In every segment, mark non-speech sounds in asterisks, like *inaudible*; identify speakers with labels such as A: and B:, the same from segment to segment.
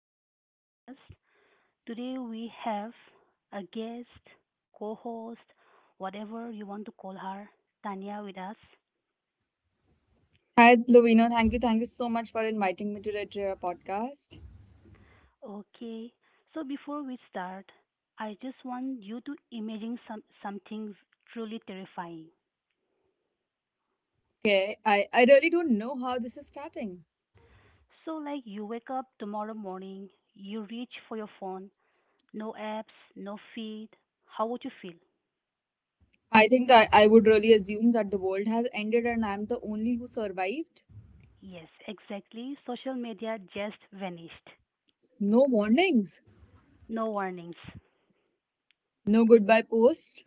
A: to another podcast. Today we have a guest, co host, whatever you want to call her, Tanya, with us.
B: Hi, Lovino. Thank you. Thank you so much for inviting me today to your podcast.
A: Okay, so before we start, I just want you to imagine something truly terrifying.
B: Okay, I really don't know how this is starting.
A: So, like you wake up tomorrow morning, you reach for your phone, no apps, no feed. How would you feel?
B: I think I would really assume that the world has ended and I'm the only who survived.
A: Yes, exactly. Social media just vanished.
B: No warnings,
A: No warnings.
B: no goodbye post.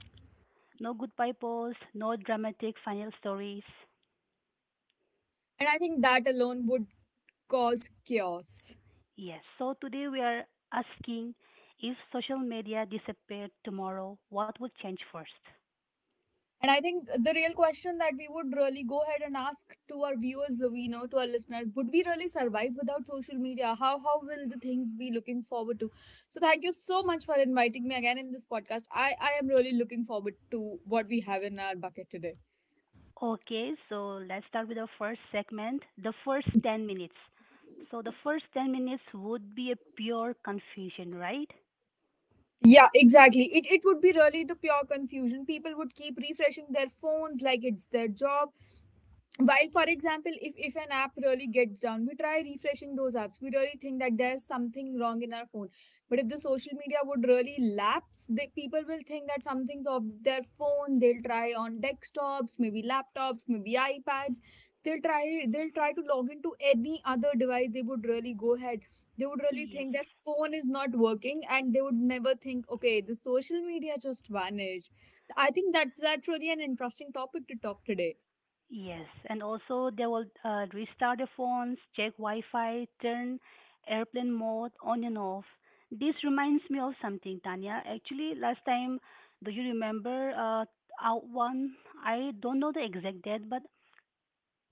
A: No goodbye polls, no dramatic final stories.
B: And I think that alone would cause chaos.
A: Yes, so today we are asking if social media disappeared tomorrow, what would change first?
B: And I think the real question that we would really go ahead and ask to our viewers, we know to our listeners, would we really survive without social media? How will the things be looking forward to? So thank you so much for inviting me again in this podcast. I am really looking forward to what we have in our bucket today.
A: Okay, so let's start with the first segment, the first 10 minutes. So the first 10 minutes would be a pure confusion, right?
B: Yeah, exactly. It would be really the pure confusion. People would keep refreshing their phones like it's their job. While for example if an app really gets down, we try refreshing those apps. We really think that there's something wrong in our phone. But if the social media would really lapse, the people will think that something's off their phone. They'll try on desktops, maybe laptops, maybe ipads. They'll try they'll try to log into any other device. They would really go ahead. They would really think that
A: Yes.
B: phone is not working, and they would never think, okay, the social media just vanished. I think that's really an interesting topic to talk today.
A: Yes, and also they will restart the phones, check Wi-Fi, turn airplane mode on and off. This reminds me of something, Tanya. Actually, last time, do you remember out one? I don't know the exact date, but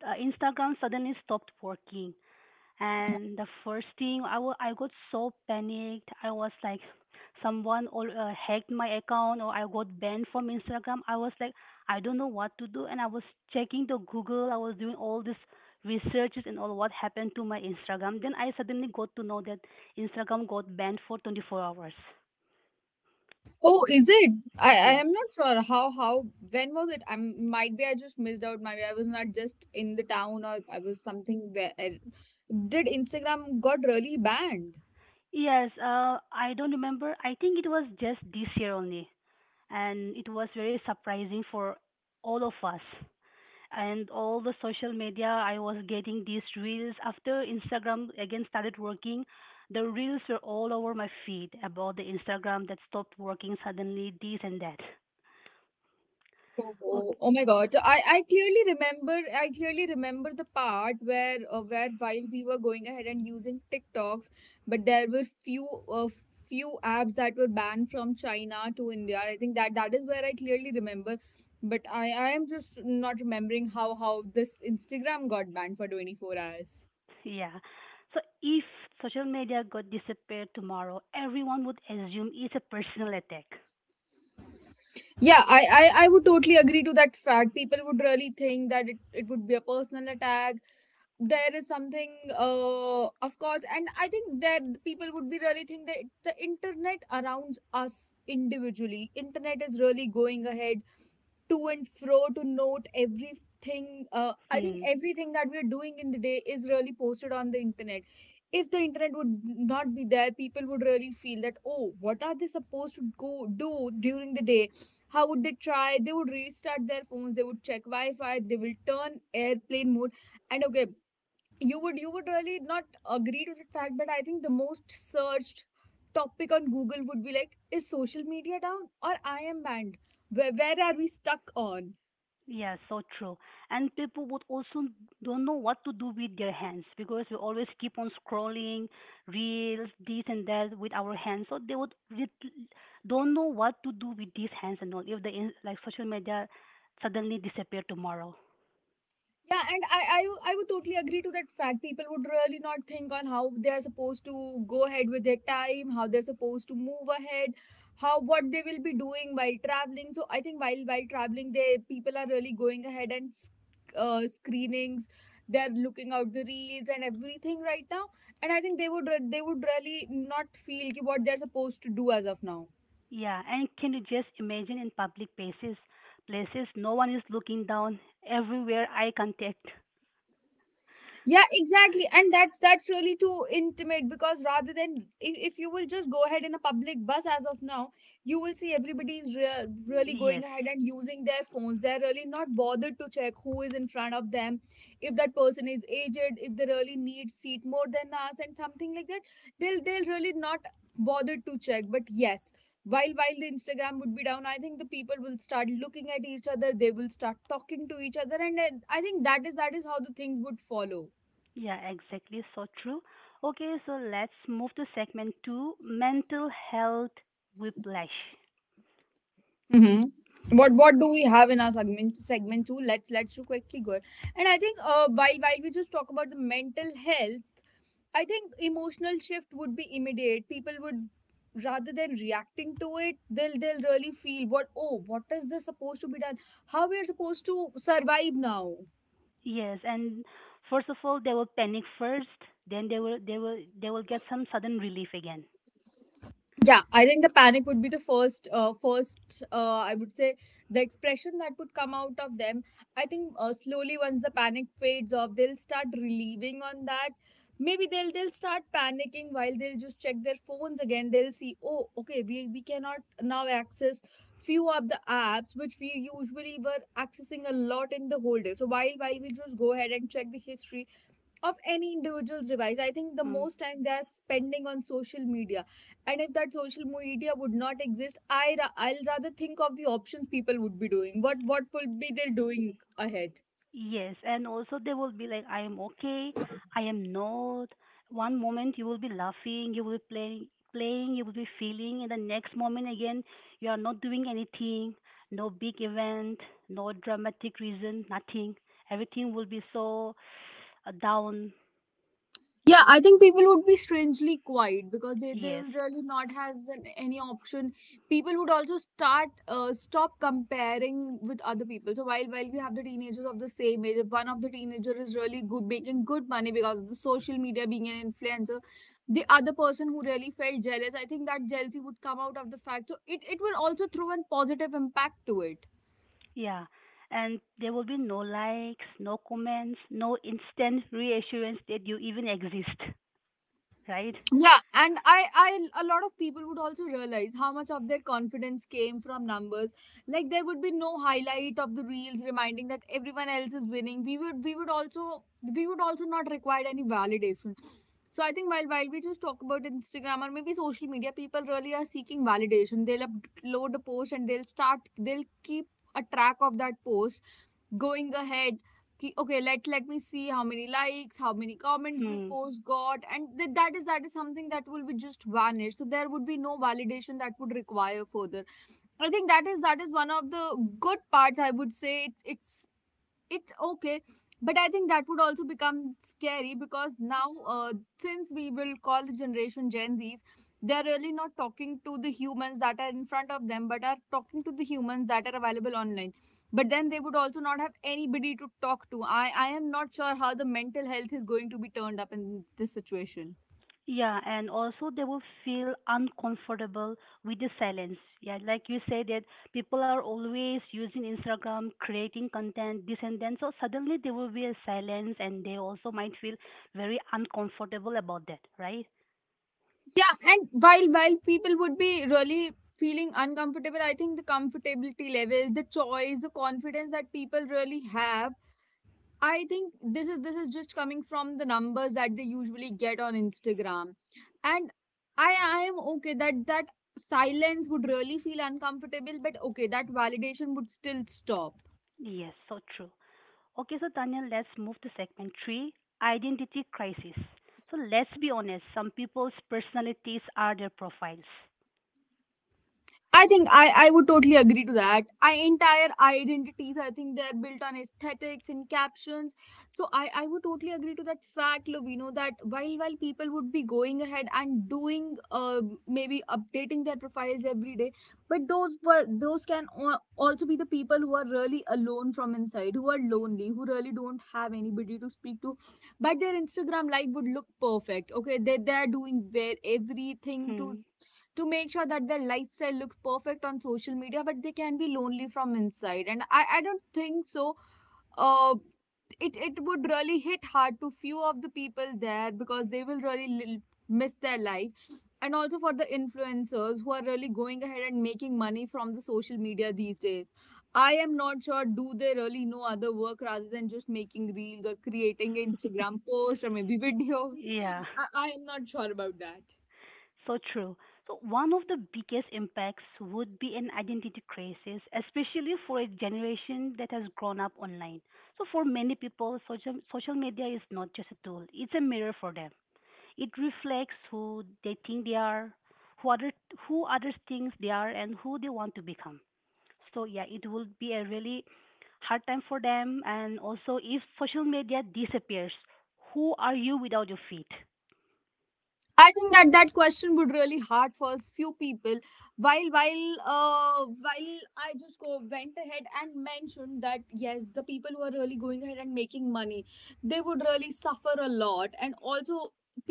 A: Instagram suddenly stopped working. And the first thing I got so panicked. I was like, hacked my account or I got banned from Instagram. I was like, I don't know what to do. And I was checking the Google. I was doing all these researches and all what happened to my Instagram. Then I suddenly got to know that Instagram got banned for 24 hours.
B: Oh, is it? I
A: Yes.
B: am not sure how when was it? I might be, I just missed out. Maybe I was not just in the town, or I was something where did Instagram got really banned?
A: Yes, I don't remember. I think it was just this year only, and it was very surprising for all of us. And all the social media, I was getting these reels after Instagram again started working. The reels were all over my feed about the Instagram that stopped working suddenly, this and that.
B: Oh,
A: Okay,
B: oh my God. So, I clearly remember the part where while we were going ahead and using TikToks, but there were few few apps that were banned from China to India. I think that that is where I clearly remember. But I am just not remembering how this Instagram got banned for 24 hours.
A: yeah. So if social media got disappeared tomorrow, everyone would assume it's a personal attack.
B: Yeah, I would totally agree to that fact. People would really think that it would be a personal attack. There is something, of course. And I think that people would be really think that the internet around us, individually, internet is really going ahead to and fro to note everything. I think
A: Hmm.
B: everything that we're doing in the day is really posted on the internet. If the internet would not be there, people would really feel that, oh, what are they supposed to go do during the day? How would they try? They would restart their phones, they would check Wi-Fi, they will turn airplane mode and okay, you would really not agree to that fact. But I think the most searched topic on Google would be like, is social media down or I am banned? Where are we stuck on?
A: Yeah, so true. And people would also don't know what to do with their hands because we always keep on scrolling reels, this and that with our hands. So don't know what to do with these hands and all. If like social media suddenly disappear tomorrow.
B: Yeah, and I would totally agree to that fact. People would really not think on how they're supposed to go ahead with their time, how they're supposed to move ahead, how what they will be doing while traveling. So I think while traveling, they people are really going ahead and screenings. They're looking out the reels and everything right now, and I think they would really not feel ki what they're supposed to do as of now.
A: Yeah, and can you just imagine in public places, places no one is looking down, everywhere eye contact.
B: Yeah, exactly, and that's really too intimate, because rather than if you will just go ahead in a public bus as of now, you will see everybody is really going
A: Yes.
B: ahead and using their phones. They're really not bothered to check who is in front of them. If that person is aged, if they really need seat more than us and something like that, they'll really not bother to check. But yes, while the Instagram would be down, I think the people will start looking at each other, they will start talking to each other, and I think that is how the things would follow.
A: Yeah, exactly. So true. Okay, so let's move to segment two, mental health whiplash.
B: Mm-hmm. What do we have in our segment two? Let's do quickly go. And I think while we just talk about the mental health, I think emotional shift would be immediate. People would, rather than reacting to it, they'll really feel what, oh, what is this supposed to be done? How we are supposed to survive now?
A: Yes, and first of all, they will panic first, then they will get some sudden relief again.
B: Yeah, I think the panic would be the first, I would say, the expression that would come out of them. I think, slowly, once the panic fades off, they'll start relieving on that. Maybe they'll start panicking while they'll just check their phones again. They'll see, oh, okay, we cannot now access few of the apps which we usually were accessing a lot in the whole day. So while we just go ahead and check the history of any individual's device, I think the
A: Hmm.
B: most time they are spending on social media. And if that social media would not exist, I'll rather think of the options people would be doing. What will be they doing ahead?
A: Yes, and also they will be like, I am okay, I am not. One moment you will be laughing, you will be playing, you will be feeling, and the next moment again you are not doing anything, no big event, no dramatic reason, nothing. Everything will be so down.
B: Yeah, I think people would be strangely quiet because they
A: Yes,
B: will really not has any option. People would also start stop comparing with other people. So while we have the teenagers of the same age, if one of the teenager is really good making good money because of the social media being an influencer, the other person who really felt jealous, I think that jealousy would come out of the fact. So it will also throw a positive impact to it.
A: yeah, and there will be no likes, no comments, no instant reassurance that you even exist, *laughs* right?
B: Yeah, and I a lot of people would also realize how much of their confidence came from numbers. Like there would be no highlight of the reels reminding that everyone else is winning. We would also not require any validation. So I think while we just talk about Instagram or maybe social media, people really are seeking validation. They'll upload a post, and they'll keep a track of that post going ahead, ki, okay, let me see how many likes, how many comments this
A: Hmm.
B: post got, and that is something that will be just vanished. So there would be no validation that would require further. I think that is one of the good parts. I would say it's okay. But I think that would also become scary, because now, uh, since we will call the generation Gen Z's, they're really not talking to the humans that are in front of them, but are talking to the humans that are available online. But then they would also not have anybody to talk to. I am not sure how the mental health is going to be turned up in this situation.
A: Yeah, and also they will feel uncomfortable with the silence. Yeah, like you said that people are always using Instagram, creating content, this and then. So suddenly there will be a silence, and they also might feel very uncomfortable about that, right?
B: Yeah, and while people would be really feeling uncomfortable, I think the comfortability level, the choice, the confidence that people really have, I think this is just coming from the numbers that they usually get on Instagram. And I am okay that that silence would really feel uncomfortable, but okay, that validation would still stop.
A: Yes, so true. Okay, so Tanya, let's move to segment three, identity crisis. So let's be honest, some people's personalities are their profiles.
B: I think I would totally agree to that. I entire identities, I think they're built on aesthetics and captions. So I would totally agree to that fact, Lovino, that while people would be going ahead and doing, maybe updating their profiles every day, but those were those can also be the people who are really alone from inside, who are lonely, who really don't have anybody to speak to, but their Instagram life would look perfect. Okay, they're doing where everything to
A: Hmm.
B: to make sure that their lifestyle looks perfect on social media, but they can be lonely from inside. And I don't think so. Uh, it, it would really hit hard to few of the people there, because they will really miss their life. And also, for the influencers who are really going ahead and making money from the social media these days, I am not sure, do they really know other work rather than just making reels or creating Instagram posts or maybe *laughs* videos?
A: Yeah.
B: I am not sure about that.
A: So true. So one of the biggest impacts would be an identity crisis, especially for a generation that has grown up online. So for many people, social media is not just a tool; it's a mirror for them. It reflects who they think they are, who other who others think they are, and who they want to become. So yeah, it will be a really hard time for them. And also, if social media disappears, who are you without your feed?
B: I think that that question would really hard for few people. While I just go went ahead and mentioned that yes, the people who are really going ahead and making money, they would really suffer a lot, and also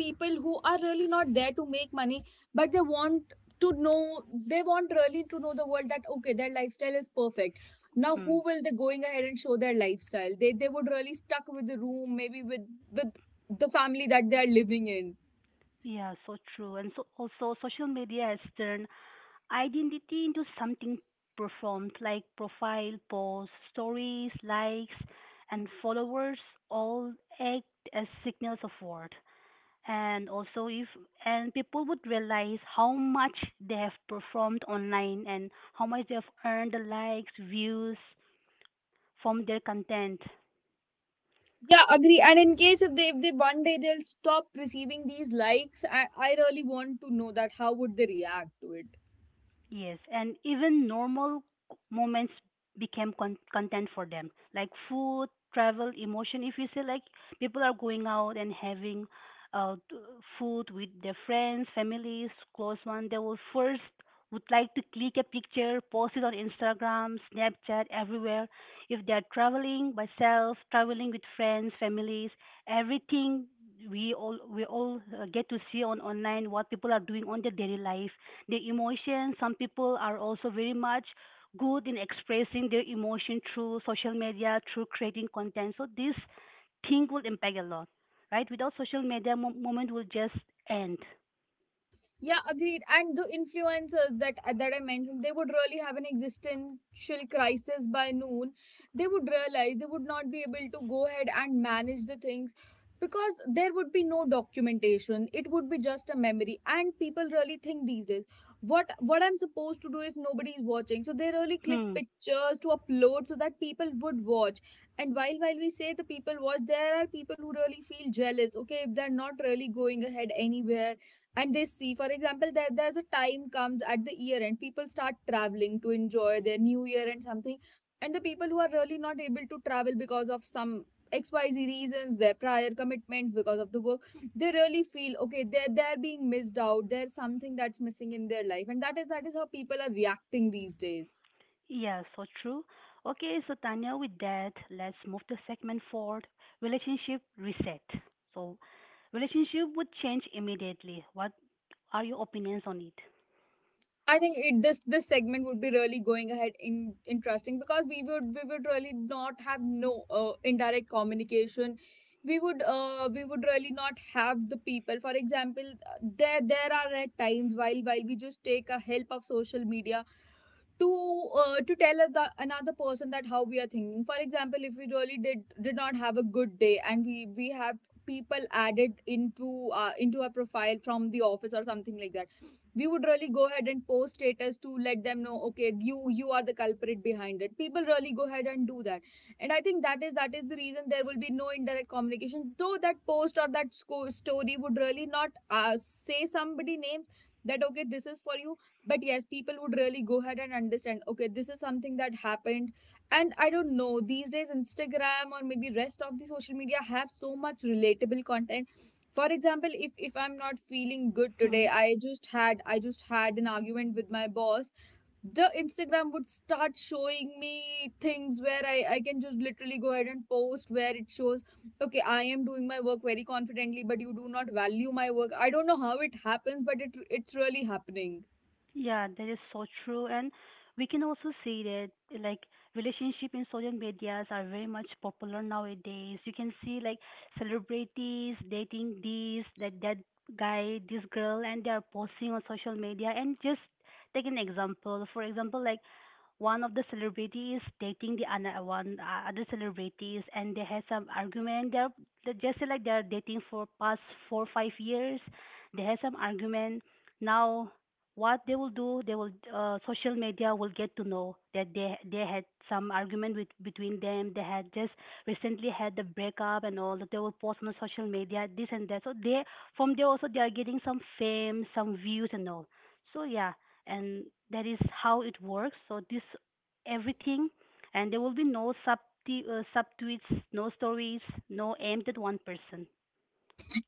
B: people who are really not there to make money, but they want to know, they want really to know the world that okay, their lifestyle is perfect. Now who will they going ahead and show their lifestyle? They would really stuck with the room, maybe with the family that they are living in.
A: Yeah, so true. And so also social media has turned identity into something performed like profile, posts, stories, likes, and followers all act as signals of worth. And also if and people would realize how much they have performed online and how much they have earned the likes, views from their content.
B: Yeah, agree. And in case if they one day they'll stop receiving these likes, I really want to know that how would they react to it.
A: Yes, and even normal moments content for them, like food, travel, emotion. If you say like people are going out and having uh, t- food with their friends, families, close one, they will first would like to click a picture, post it on Instagram, Snapchat, everywhere. If they are traveling by self, traveling with friends, families, everything we all get to see on online what people are doing on their daily life, the emotion. Some people are also very much good in expressing their emotion through social media, through creating content. So this thing will impact a lot, right? Without social media, moment will just end.
B: Yeah, agreed. And the influencers that that I mentioned, they would really have an existential crisis by noon. They would realize they would not be able to go ahead and manage the things because there would be no documentation. It would be just a memory. And people really think these days, what I'm supposed to do if nobody is watching? So they really click
A: Hmm.
B: pictures to upload so that people would watch. And while we say the people watch, there are people who really feel jealous. Okay, if they're not really going ahead anywhere and they see, for example, there's a time comes at the year end, people start traveling to enjoy their new year and something, and the people who are really not able to travel because of some xyz reasons, their prior commitments because of the work, they really feel okay, they're being missed out, there's something that's missing in their life, and that is how people are reacting these days.
A: Yeah, so true. Okay, so Tanya, with that, let's move to segment four, relationship reset. So relationship would change immediately. What are your opinions on it?
B: I think it, this segment would be really going ahead in interesting because we would really not have no indirect communication. We would really not have the people. For example, there are at times while we just take a help of social media to tell the, another person that how we are thinking. For example, if we really did not have a good day, and we have people added into our profile from the office or something like that, we would really go ahead and post status to let them know okay, you are the culprit behind it. People really go ahead and do that, and I think that is the reason there will be no indirect communication, though that post or that story would really not say somebody names that okay, this is for you. But yes, people would really go ahead and understand okay, this is something that happened. And I don't know, these days Instagram or maybe rest of the social media have so much relatable content. For example, if I'm not feeling good today,
A: Hmm.
B: I just had an argument with my boss. The Instagram would start showing me things where I can just literally go ahead and post where it shows okay, I am doing my work very confidently, but you do not value my work. I don't know how it happens, but it's really happening.
A: Yeah, that is so true. And we can also see that like relationship in social medias are very much popular nowadays. You can see like celebrities dating this, that that guy, this girl, and they are posting on social media. And just take an example. For example, like one of the celebrities dating the other one other celebrities and they had some argument. They just say like they're dating for past 4 5 years. They had some argument. Now what they will do, they will, social media will get to know that they had some argument with between them. They had just recently had the breakup and all that. They will post on the social media, this and that. So they, from there also, they are getting some fame, some views and all. So yeah, and that is how it works. So this everything, and there will be no subtweets, no stories, no aimed at one person.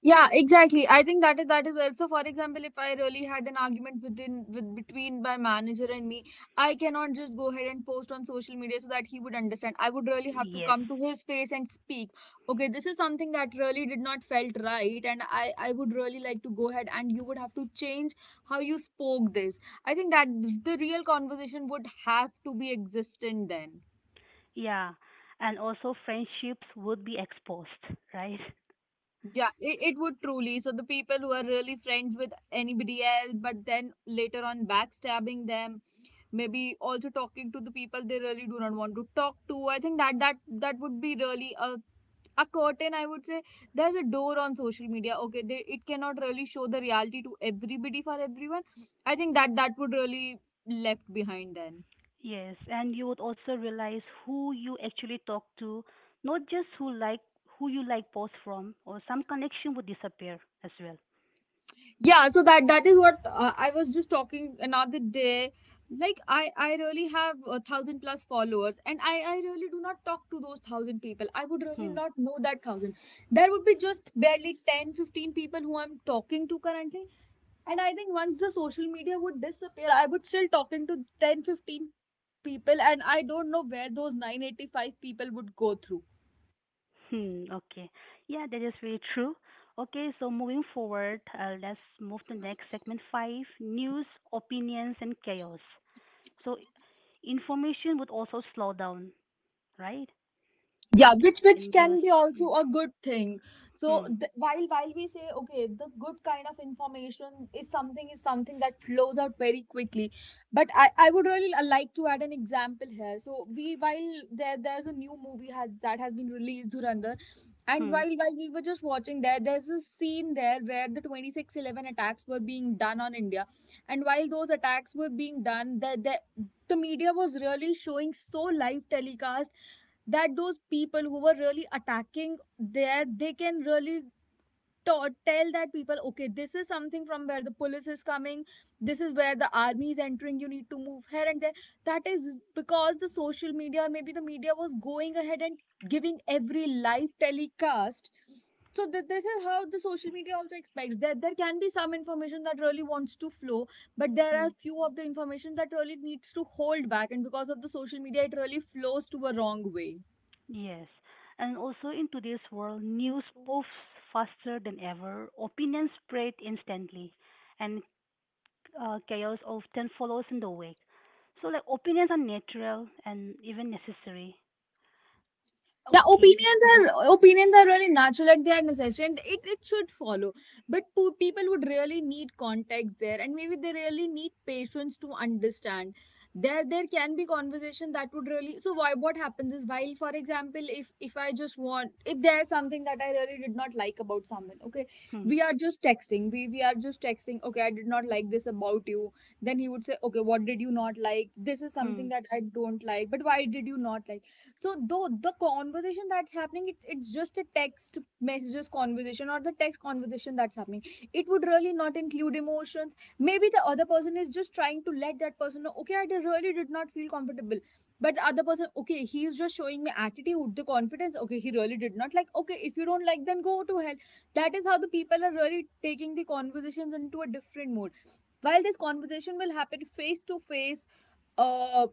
B: Yeah, exactly. I think that is where. So, for example, if I really had an argument within with between my manager and me, I cannot just go ahead and post on social media so that he would understand. I would really have to
A: Yes,
B: come to his face and speak. Okay, this is something that really did not felt right, and I would really like to go ahead and you would have to change how you spoke this. I think that the real conversation would have to be existent then.
A: yeah, and also friendships would be exposed, right? *laughs*
B: Yeah, it would truly. So the people who are really friends with anybody else, but then later on backstabbing them, maybe also talking to the people they really do not want to talk to. I think that that would be really a curtain. I would say there's a door on social media. Okay, they, it cannot really show the reality to everybody for everyone. I think that that would really left behind then.
A: Yes, and you would also realize who you actually talk to, not just who you like post from, or some connection would disappear as well.
B: Yeah, so that is what I was just talking another day. Like I really have 1,000 plus followers and I really do not talk to those 1,000 people. I would really
A: Hmm.
B: not
A: *laughs*
B: know that 1,000. There would be just barely 10 to 15 people who I'm talking to currently, and I think once the social media would disappear, I would still talking to 10 to 15 people, and I don't know where those 985 people would go through.
A: Hmm. Okay. Yeah, that is very true. Okay, so moving forward, let's move to next segment five: news, opinions, and chaos. So information would also slow down, right?
B: Yeah, which
A: In
B: can
A: news.
B: be
A: Hmm.
B: also a good thing. So
A: Hmm.
B: while we say okay, the good kind of information is something that flows out very quickly. But I would really like to add an example here. So we while there's a new movie has, that has been released, Dhurandhar. And
A: Hmm.
B: while we were just watching, there's a scene there where the 26/11 attacks were being done on India. And while those attacks were being done, the media was really showing so live telecast that those people who were really attacking there, they can really tell that people okay, this is something from where the police is coming, this is where the army is entering, you need to move here and there. That is because the social media or maybe the media was going ahead and giving every live telecast. So this is how the social media also expects that there can be some information that really wants to flow, but there are
A: Hmm.
B: few of the information that really needs to hold back, and because of the social media it really flows to a wrong way.
A: Yes. And also in today's world, news poofs faster than ever, opinions spread instantly, and chaos often follows in the wake. So, like, opinions are natural and even necessary.
B: Yeah,
A: Okay.
B: opinions are really natural, like they are necessary, and it should follow. But people would really need context there, and maybe they really need patience to understand. There can be conversation that would really so why what happens is while, for example, if I just want, if there's something that I really did not like about someone. Okay,
A: Hmm.
B: we are just texting, we are just texting okay, I did not like this about you. Then he would say okay, what did you not like? This is
A: Hmm.
B: something that I don't like, but why did you not like? So though the conversation that's happening, it's just a text messages conversation or the text conversation that's happening, it would really not include emotions. Maybe the other person is just trying to let that person know okay, really did not feel comfortable. But the other person okay, he's just showing me attitude, the confidence okay, he really did not like okay, if you don't like, then go to hell. That is how the people are really taking the conversations into a different mode. While this conversation will happen face to face, uh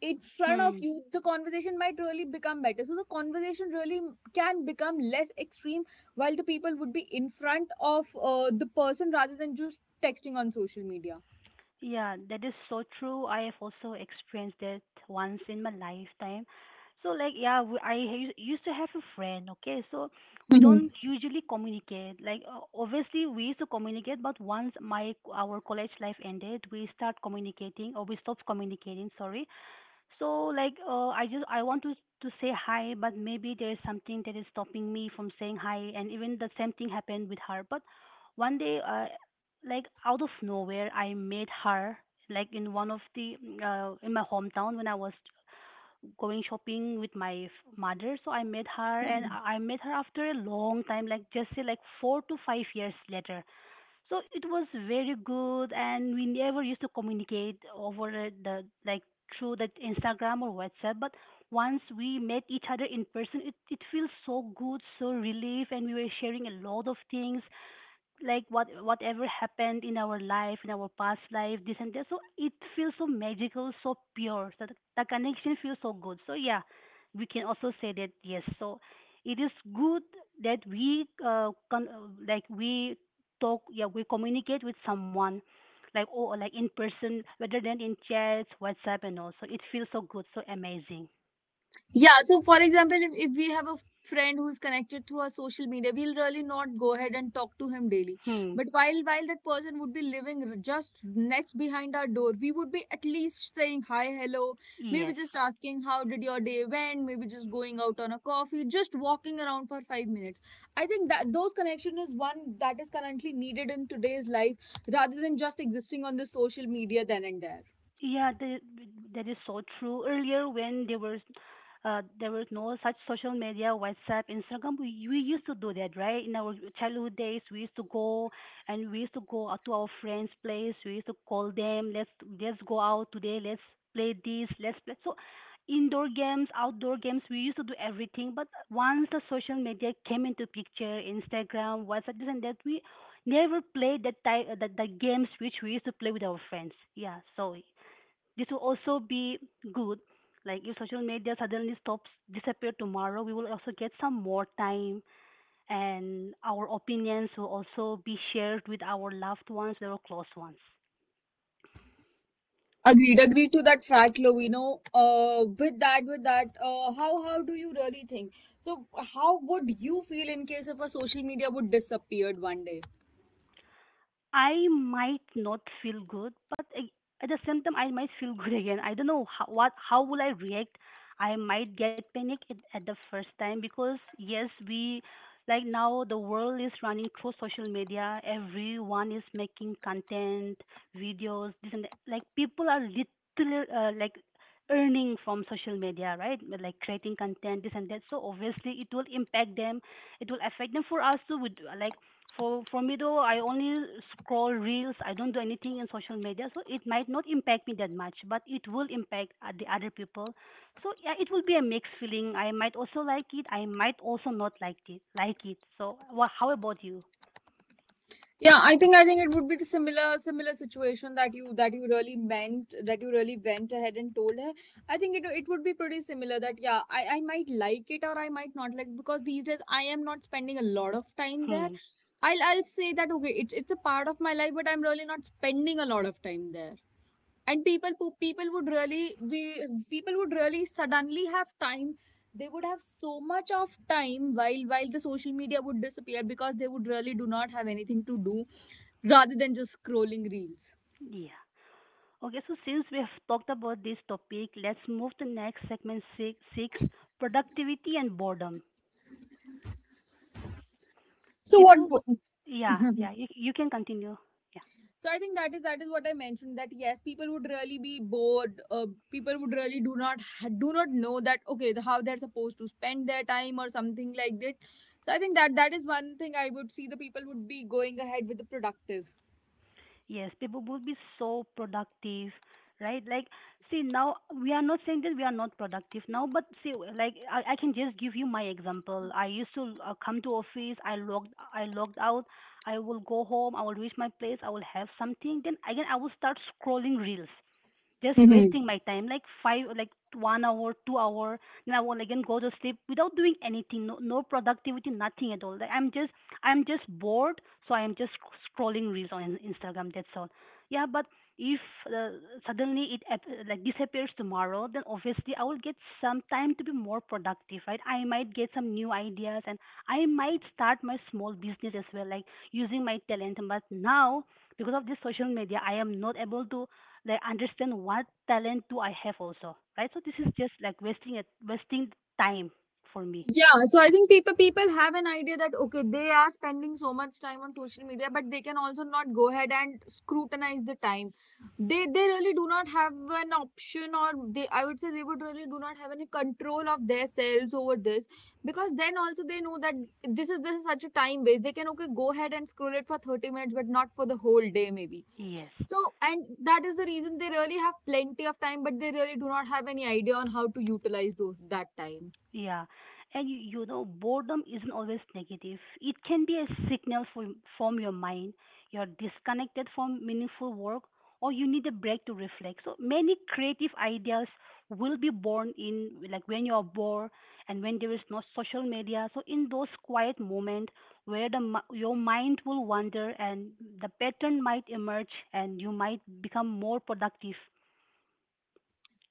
B: in front of
A: Hmm.
B: you, the conversation might really become better. So the conversation really can become less extreme while the people would be in front of the person rather than just texting on social media.
A: Yeah, that is so true. I have also experienced that once in my lifetime. So like yeah, we, used to have a friend, okay? So we
B: Mhm.
A: don't usually communicate. Like obviously we used to communicate, but once my our college life ended, we start communicating or we stopped communicating, sorry. So like I want to say hi, but maybe there's something that is stopping me from saying hi, and even the same thing happened with her. But one day, like out of nowhere, I met her like in one of the in my hometown when I was going shopping with mother. So I met her, and I met her after a long time, like just say like 4 to 5 years later. So it was very good, and we never used to communicate over the like through that Instagram or WhatsApp. But once we met each other in person, it feels so good, so relief, and we were sharing a lot of things like whatever happened in our life in our past life, this and that. So it feels so magical, so pure. So the connection feels so good. So yeah, we can also say that yes. So it is good that we talk, yeah, we communicate with someone like in person rather than in chats, WhatsApp and all. So it feels so good, so amazing.
B: Yeah, so for example, if we have a friend who is connected through our social media, we'll really not go ahead and talk to him daily.
A: Hmm.
B: But while that person would be living just next behind our door, we would be at least saying hi, hello,
A: Yes.
B: maybe just asking how did your day went, maybe just going out on a coffee, just walking around for 5 minutes. I think that those connection is one that is currently needed in today's life rather than just existing on the social media then and there.
A: Yeah, that is so true. Earlier, when there were there was no such social media, WhatsApp, Instagram. We used to do that, right? In our childhood days, we used to go and we used to go out to our friends' place. We used to call them, let's go out today. Let's play this. Let's play. So indoor games, outdoor games, we used to do everything. But once the social media came into picture, Instagram, WhatsApp, this and that, we never played that type, the games which we used to play with our friends. Yeah. So this will also be good. Like if social media suddenly stops disappear tomorrow, we will also get some more time, and our opinions will also be shared with our loved ones, our close ones.
B: Agreed, agreed to that fact, Lovino. With that, how do you really think? So, how would you feel in case if a social media would disappeared one day?
A: I might not feel good, but at the same time, I might feel *laughs* good again. I don't know how will I react. I might get panic at the first time because yes, we like now the world is running through social media. Everyone is making content, videos, this and that. Like people are literally like earning from social media, right? Like creating content, this and that. So obviously, it will impact them, it will affect them for us too. Would like for me, though, I only scroll reels. I don't do anything in social media, so it might not impact me that much, but it will impact the other people. So yeah, it will be a mixed feeling. I might also like it, I might also not like it. So well, how about you?
B: Yeah, I think it would be the similar situation that you really meant, that you really went ahead and told her. I think it would be pretty similar that yeah, I might like it or I might not like, because these days I am not spending a lot of
A: *laughs*
B: time there.
A: Hmm.
B: I'll say that okay, it's a part of my life, but I'm really not spending a lot of time there. And people people would really we people would really suddenly have time. They would have so much of time while the social media would disappear, because they would really do not have anything to do rather than just scrolling reels.
A: Yeah, okay, so since we have talked about this topic, let's move to next segment six, productivity and boredom.
B: So what?
A: People would, yeah, yeah, you can continue. Yeah.
B: So I think that is what I mentioned that yes, people would really be bored. People would really do not know that okay, how they're supposed to spend their time or something like that. So I think that that is one thing I would see, the people would be going ahead with the productive.
A: Yes, people would be so productive, right? Like, see, now we are not saying that we are not productive now, but see, like, I can just give you my example. I used to come to office, I logged out, I will go home, I will reach my place, I will have something, then again I will start scrolling reels, just wasting my time like five like 1 hour, 2 hour, then I will again go to sleep without doing anything. No, no productivity, nothing at all. Like I'm just, I'm just bored. So I'm just scrolling reels on Instagram, that's all. Yeah, but if, uh, suddenly it like disappears tomorrow, then obviously I will get some time to be more productive, right? I might get some new ideas, and I might start my small business as well, like using my talent. But now, because of this social media, I am not able to like understand what talent do I have also, right? So this is just like wasting time for me.
B: Yeah, so I think people have an idea that okay, they are spending so much time on social media, but they can also not go ahead and scrutinize the time. They really do not have an option, or they I would say they would really do not have any control of themselves over this because then also they know that this is such a time waste. They can okay go ahead and scroll it for 30 minutes, but not for the whole day maybe.
A: Yes.
B: So and that is the reason they really have plenty of time, but they really do not have any idea on how to utilize those that time.
A: Yeah, and you know, boredom isn't always negative. It can be a signal from your mind. You're disconnected from meaningful work, or you need a break to reflect. So many creative ideas will be born in like when you are bored and when there is no social media. So in those quiet moments, where the your mind will wander and the pattern might emerge, and you might become more productive.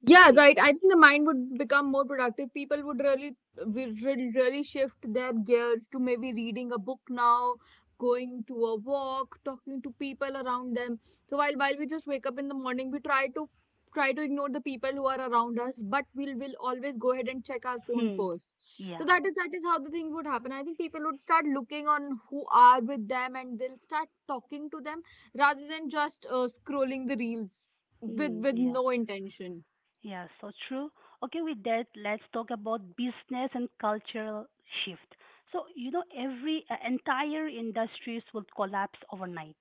B: Yeah,
A: Yes.
B: right. I think the mind would become more productive. People would really, really shift their gears to maybe reading a book now, going to a walk, talking to people around them. So while we just wake up in the morning, we try to try to ignore the people who are around us, but we'll will always go ahead and check our phone
A: Hmm.
B: first. So
A: Yeah.
B: that is how the thing would happen. I think people would start looking on who are with them, and they'll start talking to them rather than just scrolling the reels with
A: Hmm. Yeah.
B: no intention.
A: Yeah, so true. Okay, with that, let's talk about business and cultural shift. So, you know, every entire industries will collapse overnight.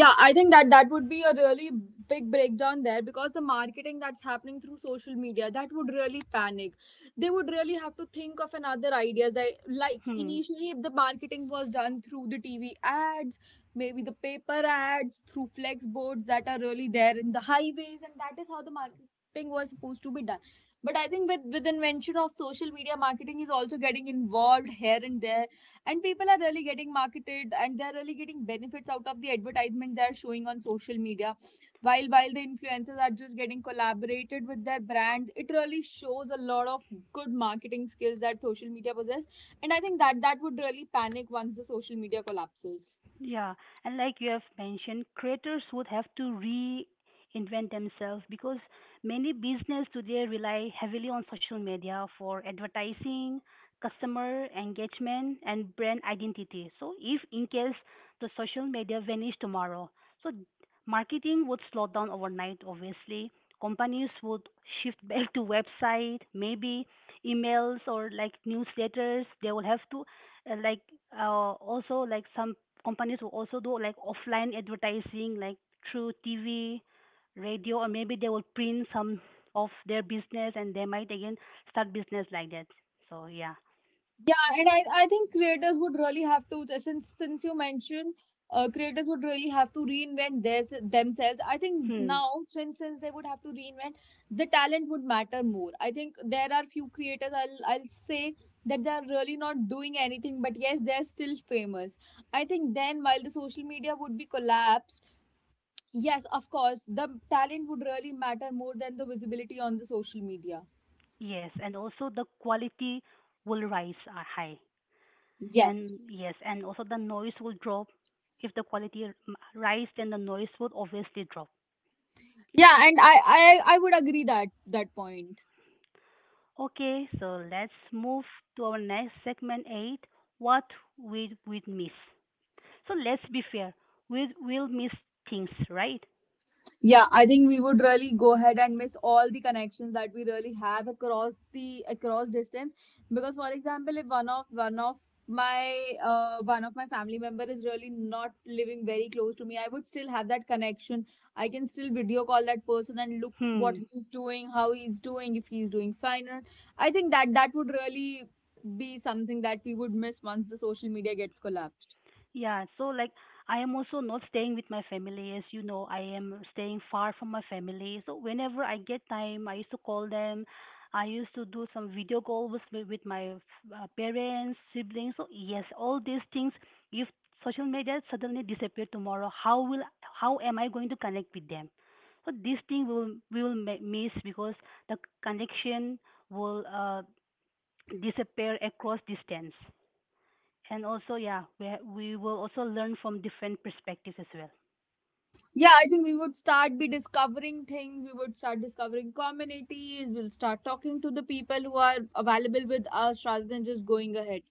B: Yeah, I think that would be a really big breakdown there, because the marketing that's happening through social media, that would really panic. They would really have to think of another ideas. That like
A: Hmm.
B: initially, if the marketing was done through the TV ads, maybe the paper ads, through flex boards that are really there in the highways, and that is how the marketing was supposed to be done. But I think with invention of social media, marketing is also getting involved here and there, and people are really getting marketed, and they're really getting benefits out of the advertisement they're showing on social media. While the influencers are just getting collaborated with their brands, it really shows a lot of good marketing skills that social media possess. And I think that would really panic once the social media collapses.
A: Yeah, and like you have mentioned, creators would have to reinvent themselves because many business today rely heavily on social media for advertising, customer engagement, and brand identity. So if in case the social media vanish tomorrow, so marketing would slow down overnight, obviously. Companies would shift *laughs* back to website, maybe emails or like newsletters. They will have to, uh, like uh, also like some companies will also do like offline advertising, like through TV, radio, or maybe they will print some of their business and they might again start business like that. So yeah.
B: Yeah, and I think creators would really have to, since you mentioned, creators would really have to reinvent their themselves. I think
A: Hmm.
B: now, since they would have to reinvent, the talent would matter more. I think there are few creators, I'll say, that they are really not doing anything, but yes, they're still famous. I think then while the social media would be collapsed, yes, of course, the talent would really matter more than the visibility on the social media.
A: Yes, and also the quality will rise high. And
B: Yes.
A: yes, and also the noise will drop. If the quality rise, then the noise would obviously drop.
B: Yeah, and I would agree that that point.
A: Okay, so let's move to our next segment 8, what we would miss. So let's be fair. We will miss things, right?
B: Yeah, I think we would really go ahead and miss all the connections that we really have across the across distance. Because for example, if one of one of my family member is really not living very close to me, I would still have that connection. I can still video call that person and look what
A: Hmm.
B: he's doing, how he's doing, if he's doing fine. Or I think that would really be something that we would miss once the social media gets collapsed.
A: Yeah. So like I am also not staying with my family. As you know, I am staying far from my family. So whenever I get time, I used to call them. I used to do some video calls with my parents, siblings. So yes, all these things. If social media suddenly disappear tomorrow, how will, how am I going to connect with them? So this thing will, we will miss, because the connection will disappear across distance. And also yeah, we will also learn from different perspectives as well.
B: Yeah, I think we would start be discovering things. We would start discovering communities. We'll start talking to the people who are available with us rather than just going ahead.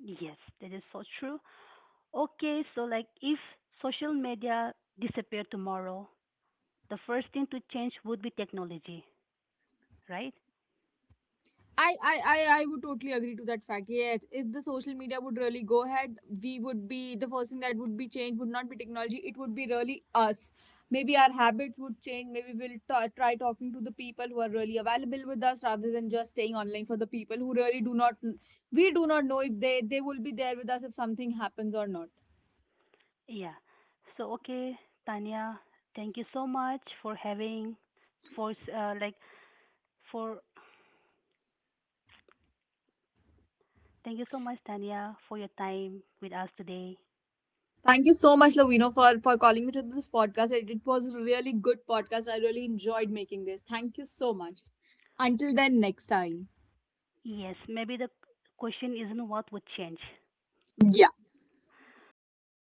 A: Yes, that is so true. Okay, so like if social media disappeared tomorrow, the first thing to change would be technology, right?
B: I would totally agree to that fact. Yes, if the social media would really go ahead, we would be the first thing that would be changed would not be technology. It would be really us. Maybe our habits would change. Maybe try talking to the people who are really available with us rather than just staying online for the people who really do not. We do not know if they will be there with us if something happens or not.
A: Yeah, so okay, Tanya, thank you so much for having, for s- like for thank you so much, Tanya, for your time with us today.
B: Thank you so much, Lovino, for, calling me to this podcast. It was a really good podcast. I really enjoyed making this. Thank you so much. Until then, next time.
A: Yes, maybe the question isn't what would change.
B: Yeah.
A: Okay, then